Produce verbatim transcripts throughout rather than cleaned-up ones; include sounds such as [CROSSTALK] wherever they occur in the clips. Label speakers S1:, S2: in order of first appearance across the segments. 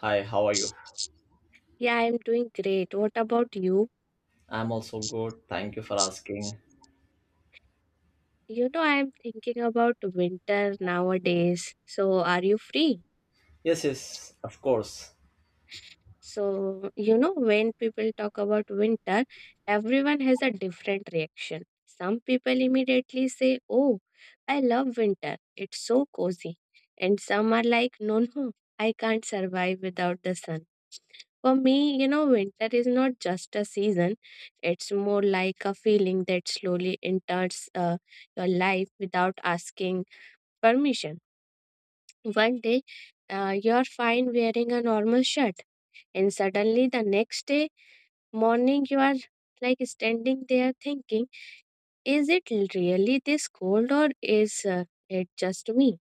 S1: Hi, how are you?
S2: Yeah, I'm doing great. What about you?
S1: I'm also good. Thank you for asking.
S2: You know, I'm thinking about winter nowadays. So, are you free?
S1: Yes, yes, of course.
S2: So, you know, when people talk about winter, everyone has a different reaction. Some people immediately say, oh, I love winter. It's so cozy. And some are like, no, no, I can't survive without the sun. For me, you know, winter is not just a season, it's more like a feeling that slowly enters uh, your life without asking permission. One day, uh, you're fine wearing a normal shirt, and suddenly the next day morning, you are like standing there thinking, is it really this cold or is uh, it just me?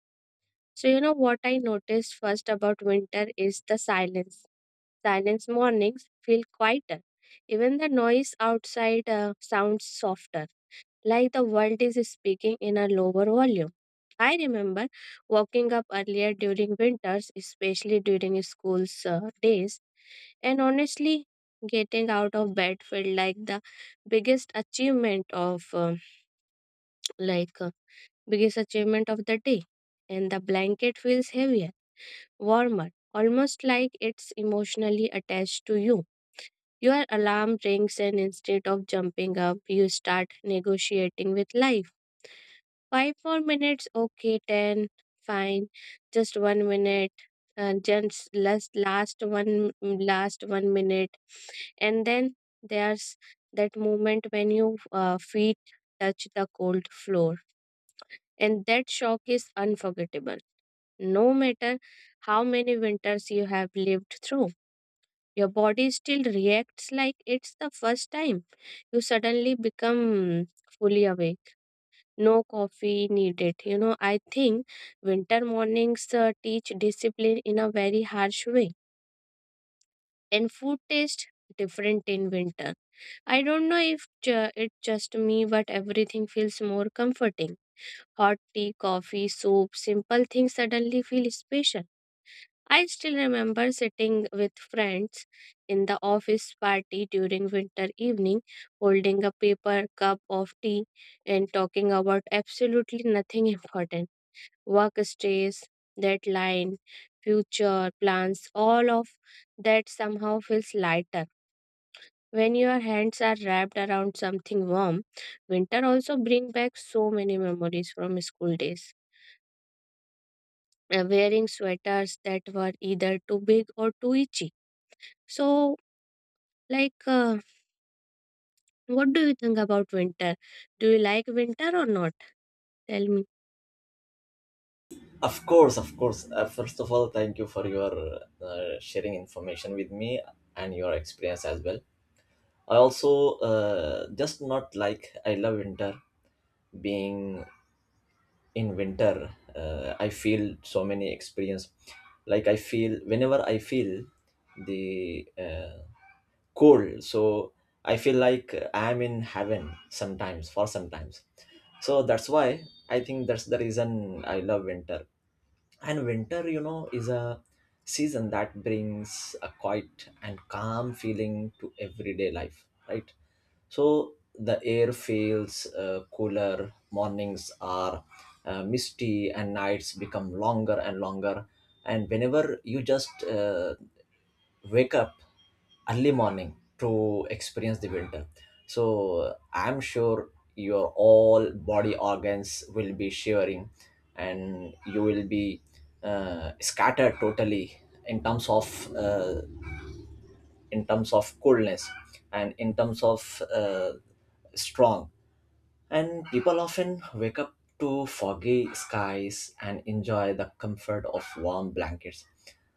S2: So, you know what I noticed first about winter is the silence. Silence mornings feel quieter. Even the noise outside uh, sounds softer, like the world is speaking in a lower volume. I remember waking up earlier during winters, especially during school's uh, days, and honestly, getting out of bed felt like the biggest achievement of um like uh, biggest achievement of the day, and the blanket feels heavier warmer, almost like it's emotionally attached to you. Your alarm rings, and instead of jumping up, you start negotiating with life. Five more minutes, okay, ten, fine, just one minute, uh, just last, last one, last one minute, and then there's that moment when your uh, feet touch the cold floor, and that shock is unforgettable. No matter how many winters you have lived through. Your body still reacts like it's the first time. You suddenly become fully awake. No coffee needed. You know, I think winter mornings uh, teach discipline in a very harsh way. And food tastes different in winter. I don't know if ju- it's just me, but everything feels more comforting. Hot tea, coffee, soup, simple things suddenly feel special. I still remember sitting with friends in the office party during winter evening, holding a paper cup of tea and talking about absolutely nothing [LAUGHS] important. Work stress, deadline, future plans, all of that somehow feels lighter. When your hands are wrapped around something warm, winter also brings back so many memories from school days. Uh, Wearing sweaters that were either too big or too itchy. So, like, uh, what do you think about winter? Do you like winter or not? Tell me.
S1: Of course, of course. Uh, first of all, thank you for your uh, sharing information with me and your experience as well. I also uh, just not like I love winter. Being in winter, uh, I feel so many experience. Like I feel whenever I feel the uh, cold, so I feel like I'm in heaven sometimes for sometimes. So that's why I think that's the reason I love winter. And winter, you know, is a season that brings a quiet and calm feeling to everyday life, right? So the air feels uh, cooler, mornings are uh, misty, and nights become longer and longer. And whenever you just uh, wake up early morning to experience the winter, so I'm sure your all body organs will be shivering and you will be uh, scattered totally in terms of uh, in terms of coolness and in terms of uh, strong. And people often wake up to foggy skies and enjoy the comfort of warm blankets.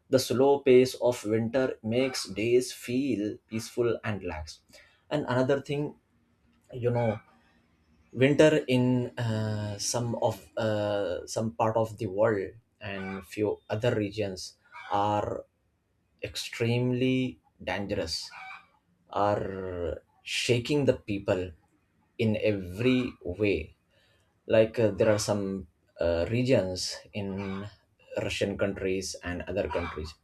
S1: The slow pace of winter makes days feel peaceful and lax. And another thing, you know, winter in uh, some of uh, some part of the world and few other regions are extremely dangerous, are shaking the people in every way. Like uh, there are some uh, regions in Russian countries and other countries.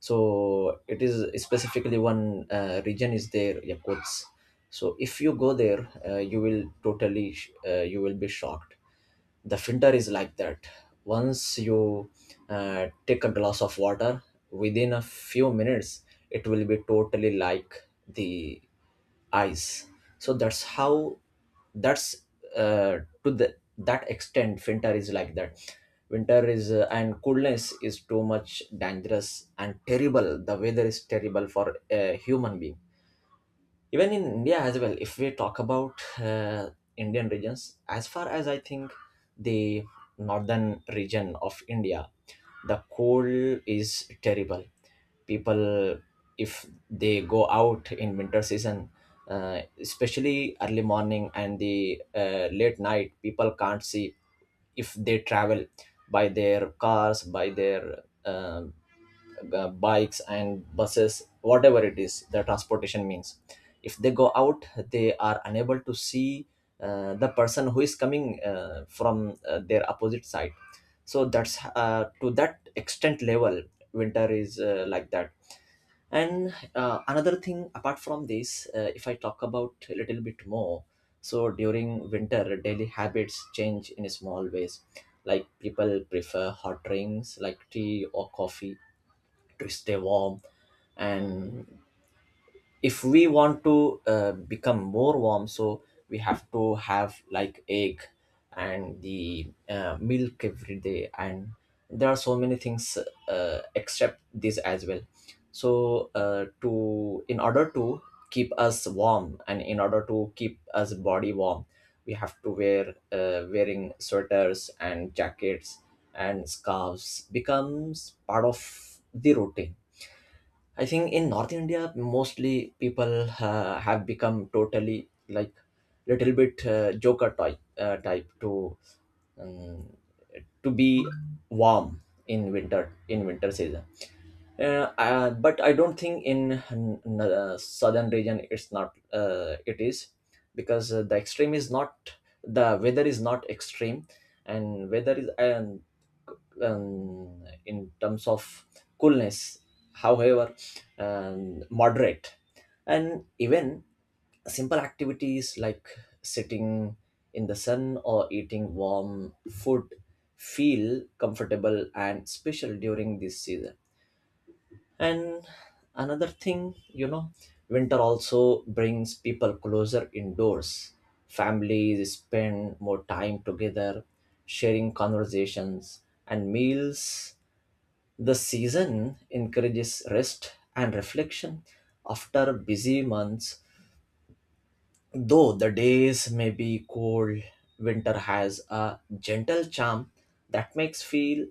S1: So it is specifically one uh, region is there, Yakuts. So if you go there, uh, you will totally sh- uh, you will be shocked. The filter is like that. Once you uh, take a glass of water, within a few minutes it will be totally like the ice. So that's how, that's uh, to the that extent winter is like that. Winter is uh, and coolness is too much dangerous and terrible. The weather is terrible for a human being. Even in India as well, if we talk about uh, Indian regions, as far as I think, the northern region of India, the cold is terrible. People, if they go out in winter season, uh, especially early morning and the uh, late night, people can't see. If they travel by their cars, by their uh, uh, bikes and buses, whatever it is the transportation means, if they go out they are unable to see uh, the person who is coming uh, from uh, their opposite side. So that's uh, to that extent level winter is uh, like that. And uh, another thing, apart from this, uh, if I talk about a little bit more, so during winter daily habits change in small ways. Like people prefer hot drinks like tea or coffee to stay warm. And if we want to uh, become more warm, so we have to have like egg and the uh, milk every day. And there are so many things uh, except this as well. So uh, to in order to keep us warm and in order to keep us body warm, we have to wear uh, wearing sweaters and jackets and scarves becomes part of the routine. I think in North India, mostly people uh, have become totally like little bit uh, joker type uh, type to um, to be warm in winter, in winter season. Uh, uh, but I don't think in n- n- uh, southern region it's not uh, it is, because uh, the extreme is not, the weather is not extreme. And weather is, and um, in terms of coolness, however, um, moderate. And even simple activities like sitting in the sun or eating warm food feel comfortable and special during this season. And another thing, you know, winter also brings people closer indoors. Families spend more time together, sharing conversations and meals. The season encourages rest and reflection after busy months. Though the days may be cold, winter has a gentle charm that makes feel,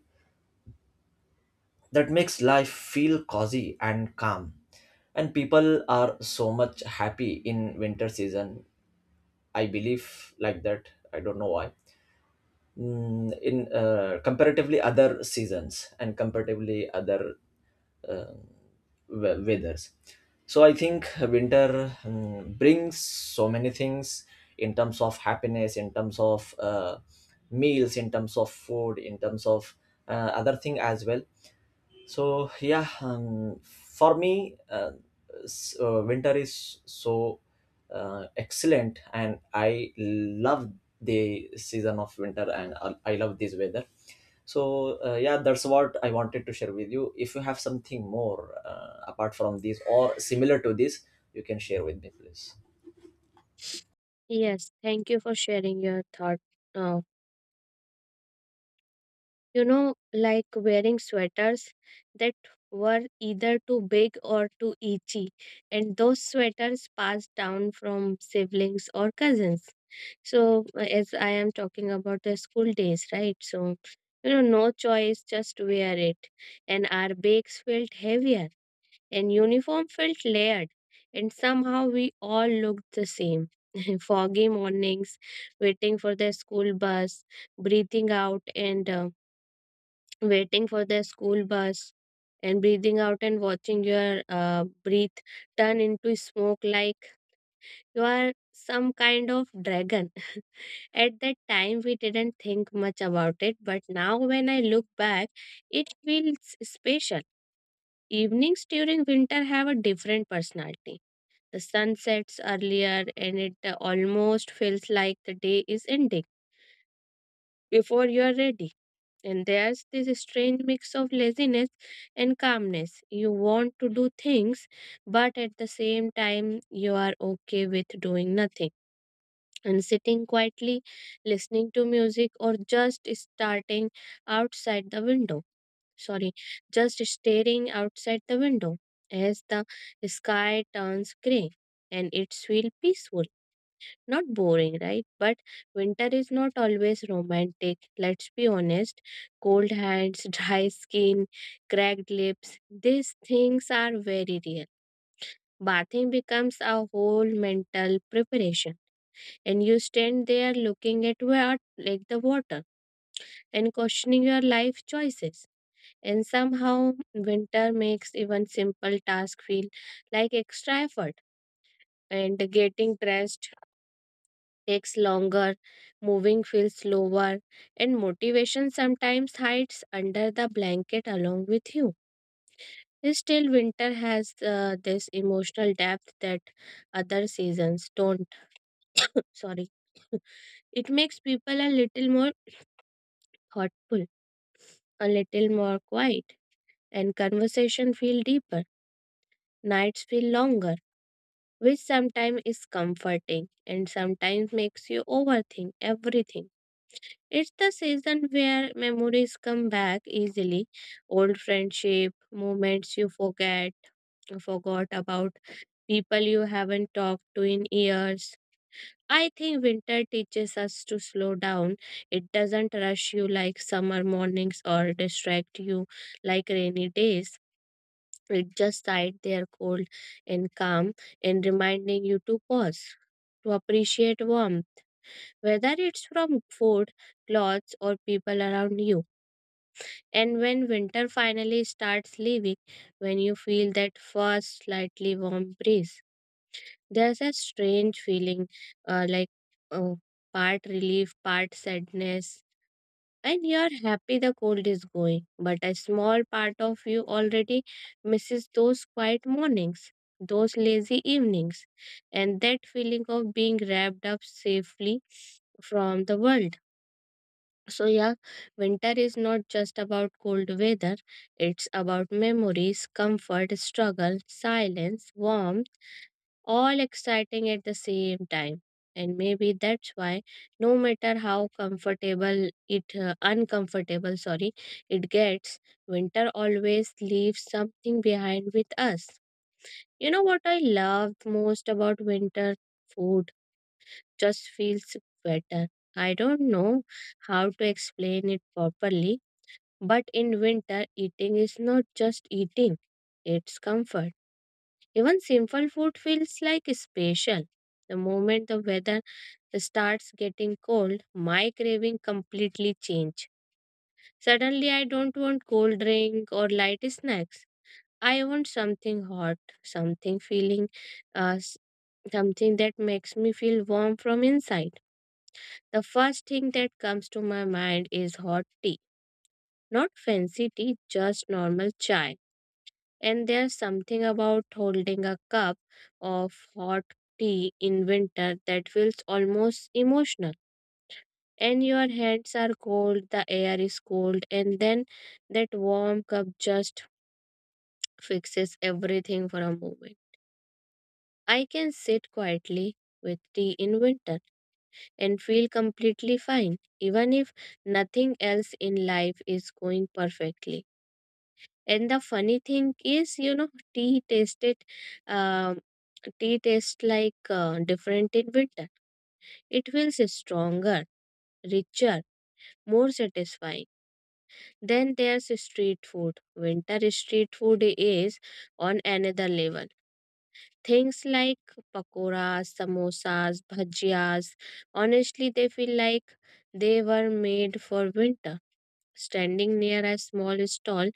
S1: that makes life feel cozy and calm. And people are so much happy in winter season. I believe like that. I don't know why. Mm, in uh, comparatively other seasons and comparatively other we- weathers, so I think winter mm, brings so many things in terms of happiness, in terms of uh, meals, in terms of food, in terms of uh, other thing as well. So yeah, um, for me, uh, s- uh, winter is so uh, excellent, and I love the season of winter, and I I love this weather. So uh, yeah, that's what I wanted to share with you. If you have something more uh, apart from this or similar to this, you can share with me, please.
S2: Yes, thank you for sharing your thought. Now, you know, like wearing sweaters that were either too big or too itchy, and those sweaters passed down from siblings or cousins. So, uh, as I am talking about the school days, right? So, you know, no choice, just wear it. And our bags felt heavier and uniform felt layered, and somehow we all looked the same. [LAUGHS] Foggy mornings, waiting for the school bus, breathing out and uh, waiting for the school bus, and breathing out and watching your uh, breath turn into smoke like you are some kind of dragon. [LAUGHS] At that time, we didn't think much about it, but now when I look back, it feels special. Evenings during winter have a different personality. The sun sets earlier and it uh, almost feels like the day is ending before you are ready. And there's this strange mix of laziness and calmness. You want to do things, but at the same time, you are okay with doing nothing. And sitting quietly, listening to music, or just starting outside the window. Sorry, just staring outside the window as the sky turns gray and it's feel peaceful, not boring, right? But winter is not always romantic. Let's be honest. Cold hands, [LAUGHS] dry skin, cracked lips, these things are very real. Bathing becomes a whole mental preparation, and you stand there looking at what, like the water, and questioning your life choices. And somehow, winter makes even simple tasks feel like extra effort. And getting dressed takes longer, moving feels slower, and motivation sometimes hides under the blanket along with you. Still, winter has uh, this emotional depth that other seasons don't. [LAUGHS] Sorry. [LAUGHS] It makes people a little more thoughtful, a little more quiet, and conversation feel deeper. Nights feel longer, which sometimes is comforting and sometimes makes you overthink everything. It's the season where memories come back easily. Old friendship, moments you forget, forgot about, people you haven't talked to in years. I think winter teaches us to slow down. It doesn't rush you like summer mornings or distract you like rainy days. It just sits there cold and calm and reminding you to pause, to appreciate warmth, whether it's from food, clothes, or people around you. And when winter finally starts leaving, when you feel that first slightly warm breeze, there's a strange feeling, uh, like, oh, part relief, part sadness. And you're happy the cold is going, but a small part of you already misses those quiet mornings, those lazy evenings, and that feeling of being wrapped up safely from the world. So, yeah, winter is not just about cold weather, it's about memories, comfort, struggle, silence, warmth, all exciting at the same time. And maybe that's why, no matter how comfortable it, uh, uncomfortable, sorry, it gets, winter always leaves something behind with us. You know what I love most about winter? Food just feels better. I don't know how to explain it properly, but in winter, eating is not just eating, it's comfort. Even simple food feels like special. The moment the weather starts getting cold, my craving completely change. Suddenly, I don't want cold drink or light snacks. I want something hot, something feeling, uh, s- something that makes me feel warm from inside. The first thing that comes to my mind is hot tea. Not fancy tea, just normal chai. And there's something about holding a cup of hot tea in winter that feels almost emotional. And your hands are cold, the air is cold, and then that warm cup just fixes everything for a moment. I can sit quietly with tea in winter and feel completely fine, even if nothing else in life is going perfectly. And the funny thing is, you know, tea tasted, um, tea tastes like uh, different in winter. It feels stronger, richer, more satisfying. Then there's street food. Winter street food is on another level. Things like pakoras, samosas, bhajias, honestly, they feel like they were made for winter. Standing near a small stall,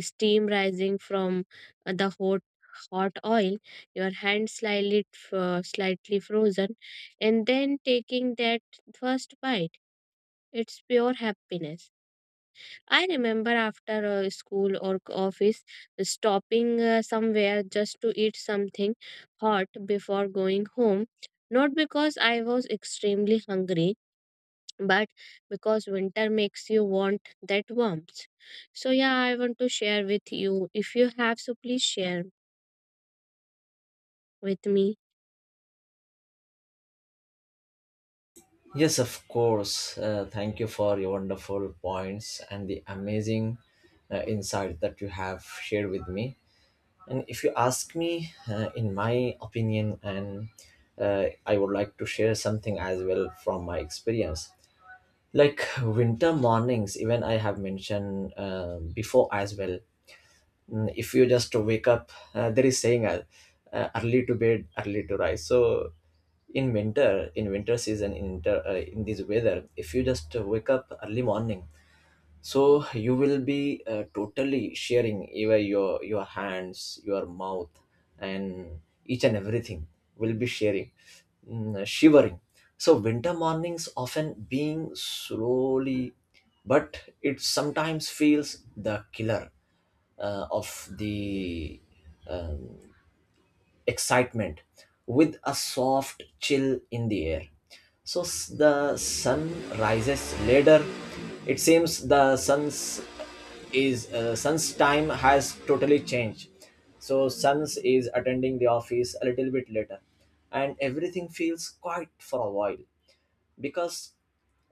S2: steam rising from uh, the hot hot oil, your hand slightly uh, slightly frozen, and then taking that first bite. It's pure happiness. I remember after uh, school or c- office, stopping uh, somewhere just to eat something hot before going home. Not because I was extremely hungry, but because winter makes you want that warmth. So, yeah, I want to share with you. If you have, so please share with me.
S1: Yes, of course. Uh, thank you for your wonderful points and the amazing uh, insight that you have shared with me. And if you ask me, uh, in my opinion, and uh, I would like to share something as well from my experience. Like winter mornings, even I have mentioned uh, before as well. mm, If you just wake up, uh, there is saying uh, uh, early to bed, early to rise. So in winter, in winter season, in winter, uh, in this weather, if you just wake up early morning, so you will be uh, totally sharing even your your hands, your mouth and each and everything will be sharing, mm, shivering. So winter mornings often being slowly, but it sometimes feels the killer uh, of the excitement with a soft chill in the air. So s- the sun rises later. It seems the sun's is uh, sun's time has totally changed. So suns is attending the office a little bit later, and everything feels quiet for a while, because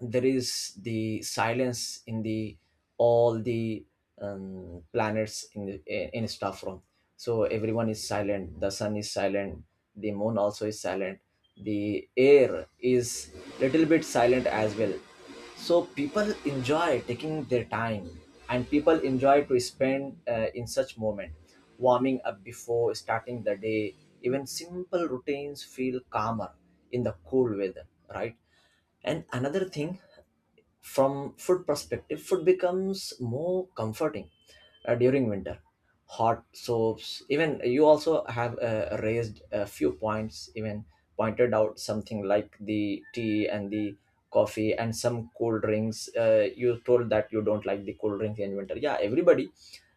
S1: there is the silence in the all the um, planets in the eh, in staff room. So everyone is silent, the sun is silent, the moon also is silent, the air is little bit silent as well. So people enjoy taking their time and people enjoy to spend uh, in such moment, warming up before starting the day. Even simple routines feel calmer in the cool weather, right? And another thing, from food perspective, food becomes more comforting uh, during winter. Hot soaps, even you also have uh, raised a few points, even pointed out something like the tea and the coffee and some cool drinks. Uh, you told that you don't like the cool drinks in winter. Yeah, everybody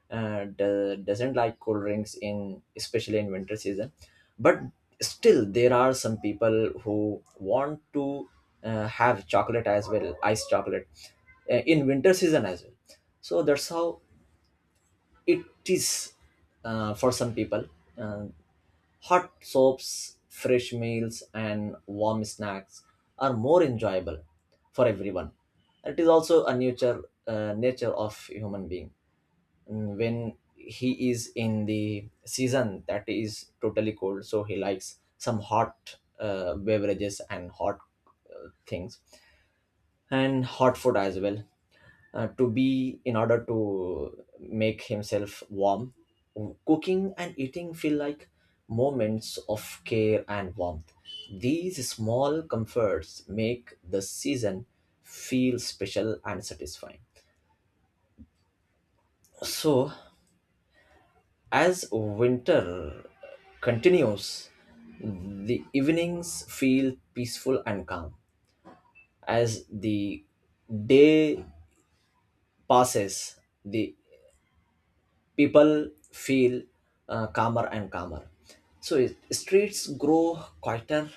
S1: uh, do- doesn't like cold drinks in especially in winter season. But still there are some people who want to uh, have chocolate as well, ice chocolate, uh, in winter season as well. So that's how it is uh, for some people. Uh, hot soaps, fresh meals and warm snacks are more enjoyable for everyone. It is also a nature, uh, nature of human being. Mm, when he is in the season that is totally cold, so he likes some hot uh, beverages and hot uh, things and hot food as well, uh, to be in order to make himself warm. Cooking and eating feel like moments of care and warmth. These small comforts make the season feel special and satisfying. So as winter continues, the evenings feel peaceful and calm. As the day passes, the people feel uh, calmer and calmer. So it, streets grow quieter,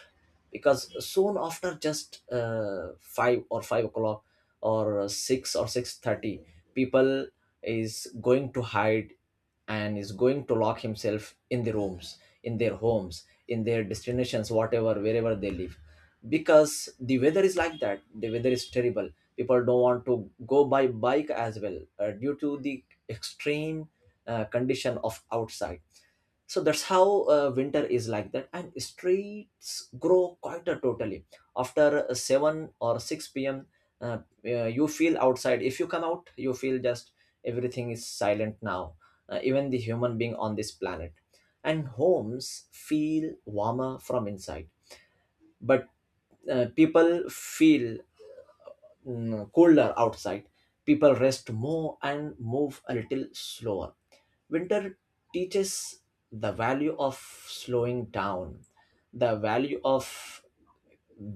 S1: because soon after just uh, five or five o'clock or six or six thirty, people is going to hide and is going to lock himself in the rooms, in their homes, in their destinations, whatever wherever they live, because the weather is like that, the weather is terrible. People don't want to go by bike as well uh, due to the extreme uh, condition of outside. So that's how uh, winter is like that. And streets grow quieter totally after uh, seven or six p m. uh, uh, you feel outside, if you come out you feel just everything is silent now, uh, even the human being on this planet. And homes feel warmer from inside, but uh, people feel mm, colder outside. People rest more and move a little slower. Winter teaches the value of slowing down, the value of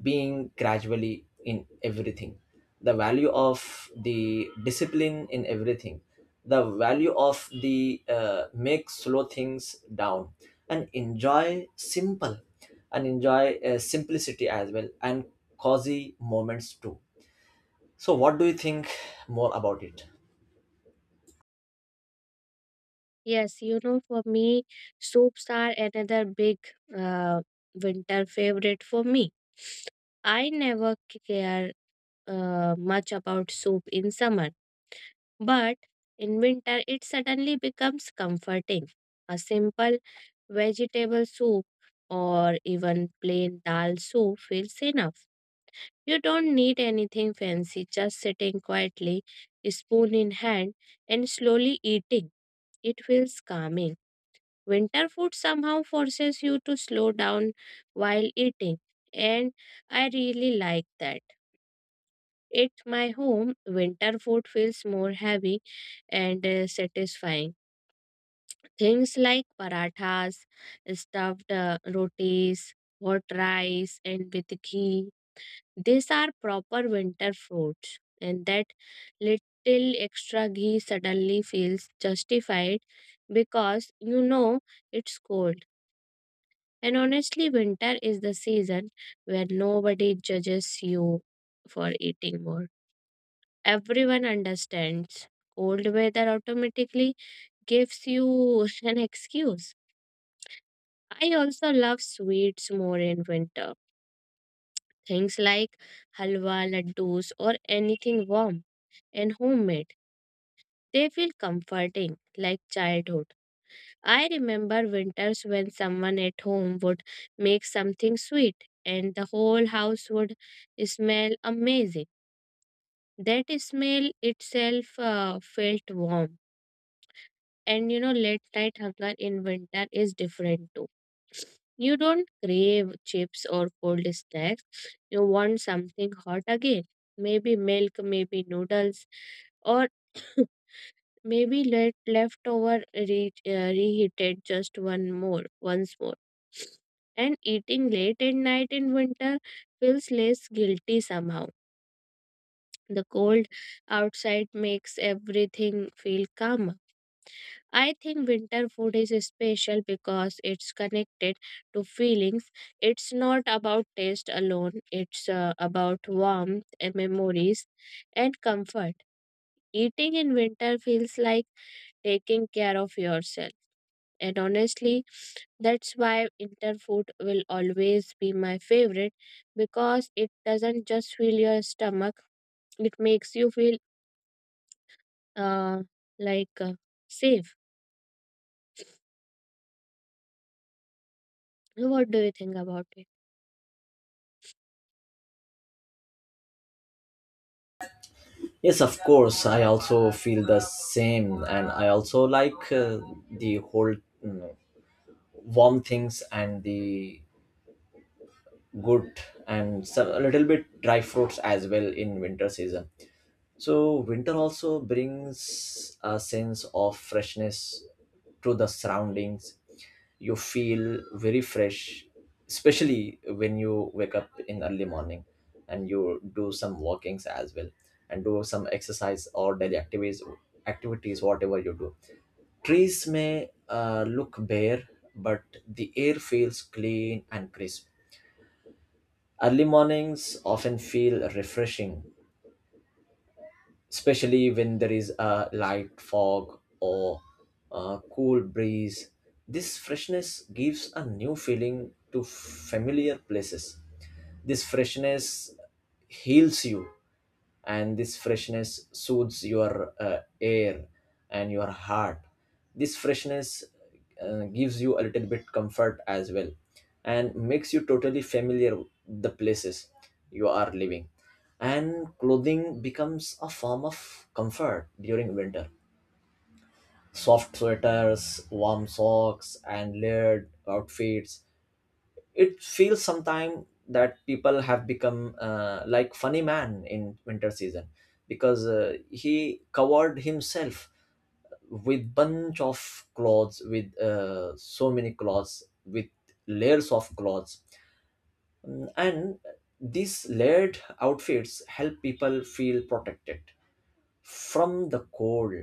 S1: being gradually in everything, the value of the discipline in everything, the value of the uh, make slow things down and enjoy simple, and enjoy uh, simplicity as well, and cozy moments too. So, what do you think more about it?
S2: Yes, you know, for me, soups are another big uh, winter favorite for me. I never care uh, much about soup in summer, but in winter it suddenly becomes comforting. A simple vegetable soup or even plain dal soup feels enough. You don't need anything fancy, just sitting quietly, spoon in hand, and slowly eating. It feels calming. Winter food somehow forces you to slow down while eating, and I really like that. At my home, winter food feels more heavy and uh, satisfying. Things like parathas, stuffed uh, rotis, hot rice, and with ghee. These are proper winter fruits, and that little extra ghee suddenly feels justified because you know it's cold. And honestly, winter is the season where nobody judges you for eating more. Everyone understands. Cold weather automatically gives you [LAUGHS] an excuse. I also love sweets more in winter. Things like halwa, laddus, or anything warm and homemade. They feel comforting, like childhood. I remember winters when someone at home would make something sweet and the whole house would smell amazing. That smell itself uh, felt warm. And you know, late night hunger in winter is different too. You don't crave chips or cold snacks, you want something hot again. Maybe milk, maybe noodles, or [COUGHS] maybe let leftover re- uh, reheated just one more, once more. And eating late at night in winter feels less guilty somehow. The cold outside makes everything feel calmer. I think winter food is special because it's connected to feelings. It's not about taste alone, it's uh, about warmth, and memories, and comfort. Eating in winter feels like taking care of yourself. And honestly, that's why interfood will always be my favorite because it doesn't just fill your stomach, it makes you feel uh, like uh, safe. What do you think about it?
S1: Yes, of course. I also feel the same, and I also like uh, the whole mm, warm things and the good, and some, a little bit dry fruits as well in winter season. So, winter also brings a sense of freshness to the surroundings. You feel very fresh, especially when you wake up in early morning and you do some walkings as well, and do some exercise or daily activities activities whatever you do. Trees may uh, look bare, but the air feels clean and crisp. Early mornings often feel refreshing, especially when there is a light fog or a cool breeze. This freshness gives a new feeling to familiar places. This freshness heals you, and this freshness soothes your uh, air and your heart. This freshness uh, gives you a little bit comfort as well, and makes you totally familiar with the places you are living. And clothing becomes a form of comfort during winter. Soft sweaters, warm socks and layered outfits, it feels sometime that people have become uh, like funny man in winter season, because uh, he covered himself with bunch of clothes, with uh, so many clothes, with layers of clothes. Mm, and these layered outfits help people feel protected from the cold,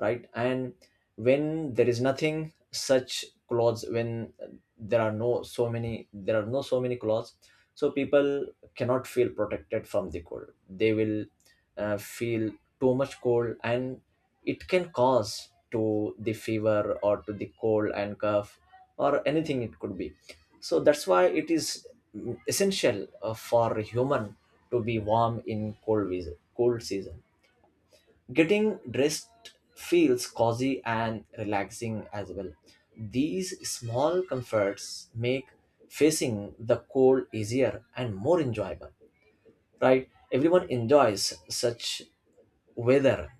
S1: right? And when there is nothing such clothes, when there are no so many, there are no so many clothes, so people cannot feel protected from the cold. They will uh, feel too much cold, and it can cause to the fever or to the cold and cough, or anything it could be. So that's why it is mm, essential uh, for human to be warm in cold, weas- cold season. Getting dressed feels cozy and relaxing as well. These small comforts make facing the cold easier and more enjoyable, right? Everyone enjoys such weather.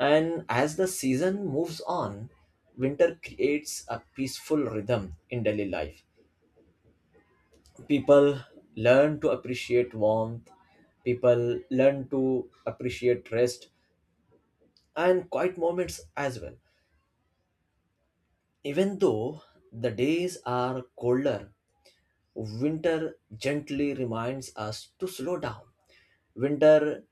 S1: And as the season moves on, winter creates a peaceful rhythm in daily life. People learn to appreciate warmth, people learn to appreciate rest and quiet moments as well. Even though the days are colder, winter gently reminds us to slow down. Winter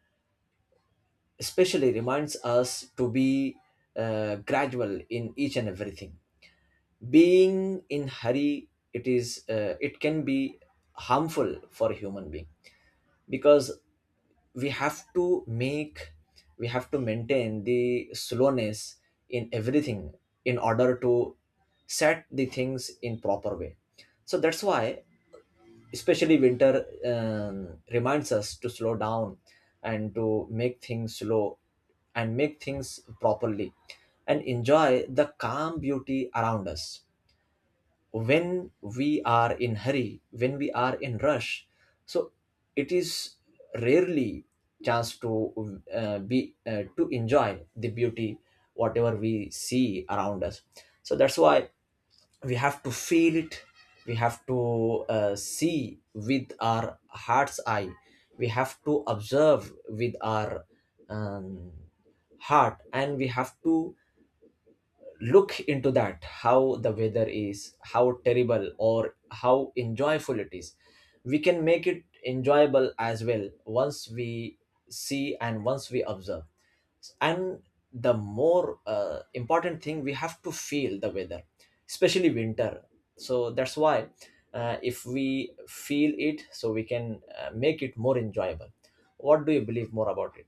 S1: especially reminds us to be uh, gradual in each and everything. Being in hurry, it is uh, it can be harmful for human being, because we have to make, we have to maintain the slowness in everything in order to set the things in proper way. So that's why especially winter um, reminds us to slow down and to make things slow and make things properly, and enjoy the calm beauty around us. When we are in hurry, when we are in rush, so it is rarely chance to uh, be uh, to enjoy the beauty whatever we see around us. So that's why we have to feel it, we have to uh, see with our heart's eye, we have to observe with our um, heart, and we have to look into that how the weather is, how terrible or how enjoyable it is. We can make it enjoyable as well once we see and once we observe. And the more uh, important thing, we have to feel the weather, especially winter. So that's why uh, if we feel it, so we can uh, make it more enjoyable. What do you believe more about it?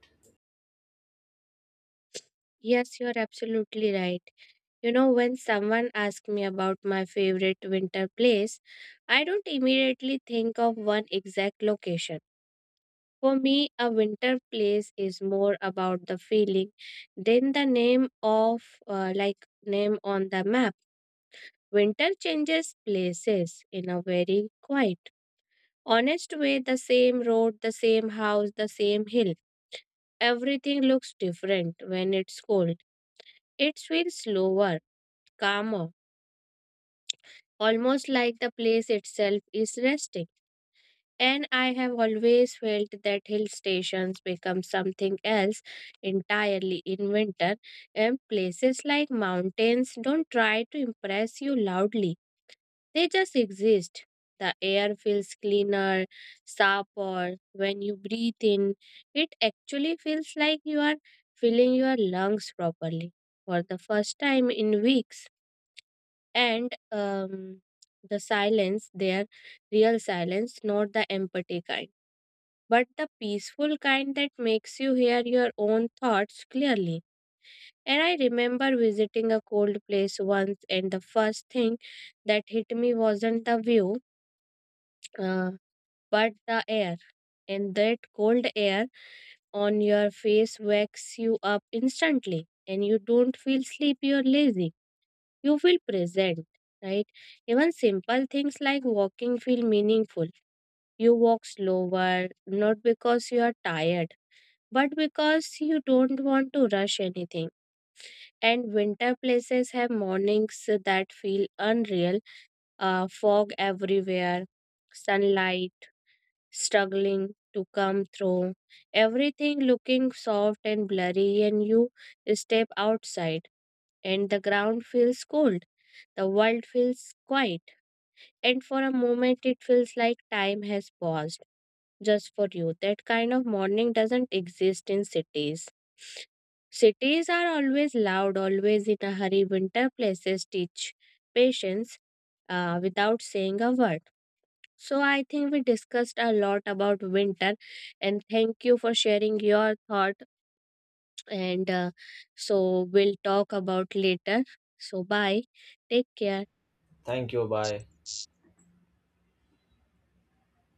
S2: Yes, you're absolutely right. You know, when someone asks me about my favorite winter place, I don't immediately think of one exact location. For me, a winter place is more about the feeling than the name of, uh, like, name on the map. Winter changes places in a very quiet, honest way. The same road, the same house, the same hill. Everything looks different when it's cold. It feels slower, calmer, almost like the place itself is resting. And I have always felt that hill stations become something else entirely in winter, and places like mountains don't try to impress you loudly, they just exist. The air feels cleaner, sharper when you breathe in. It actually feels like you are filling your lungs properly for the first time in weeks. And um, the silence there, real silence, not the empty kind but the peaceful kind that makes you hear your own thoughts clearly. And I remember visiting a cold place once, and the first thing that hit me wasn't the view, uh, but the air. And that cold air on your face wakes you up instantly, and you don't feel sleepy or lazy. You feel present, right? Even simple things like walking feel meaningful. You walk slower, not because you are tired but because you don't want to rush anything. And winter places have mornings that feel unreal, uh, fog everywhere, sunlight struggling to come through, everything looking soft and blurry, and you step outside, and the ground feels cold. The world feels quiet, and for a moment it feels like time has paused just for you. That kind of morning doesn't exist in cities. Cities are always loud, always in a hurry. Winter places teach patience uh, without saying a word. So, I think we discussed a lot about winter, and thank you for sharing your thought. And uh, so, we'll talk about later. So, bye. Take care.
S1: Thank you, bye.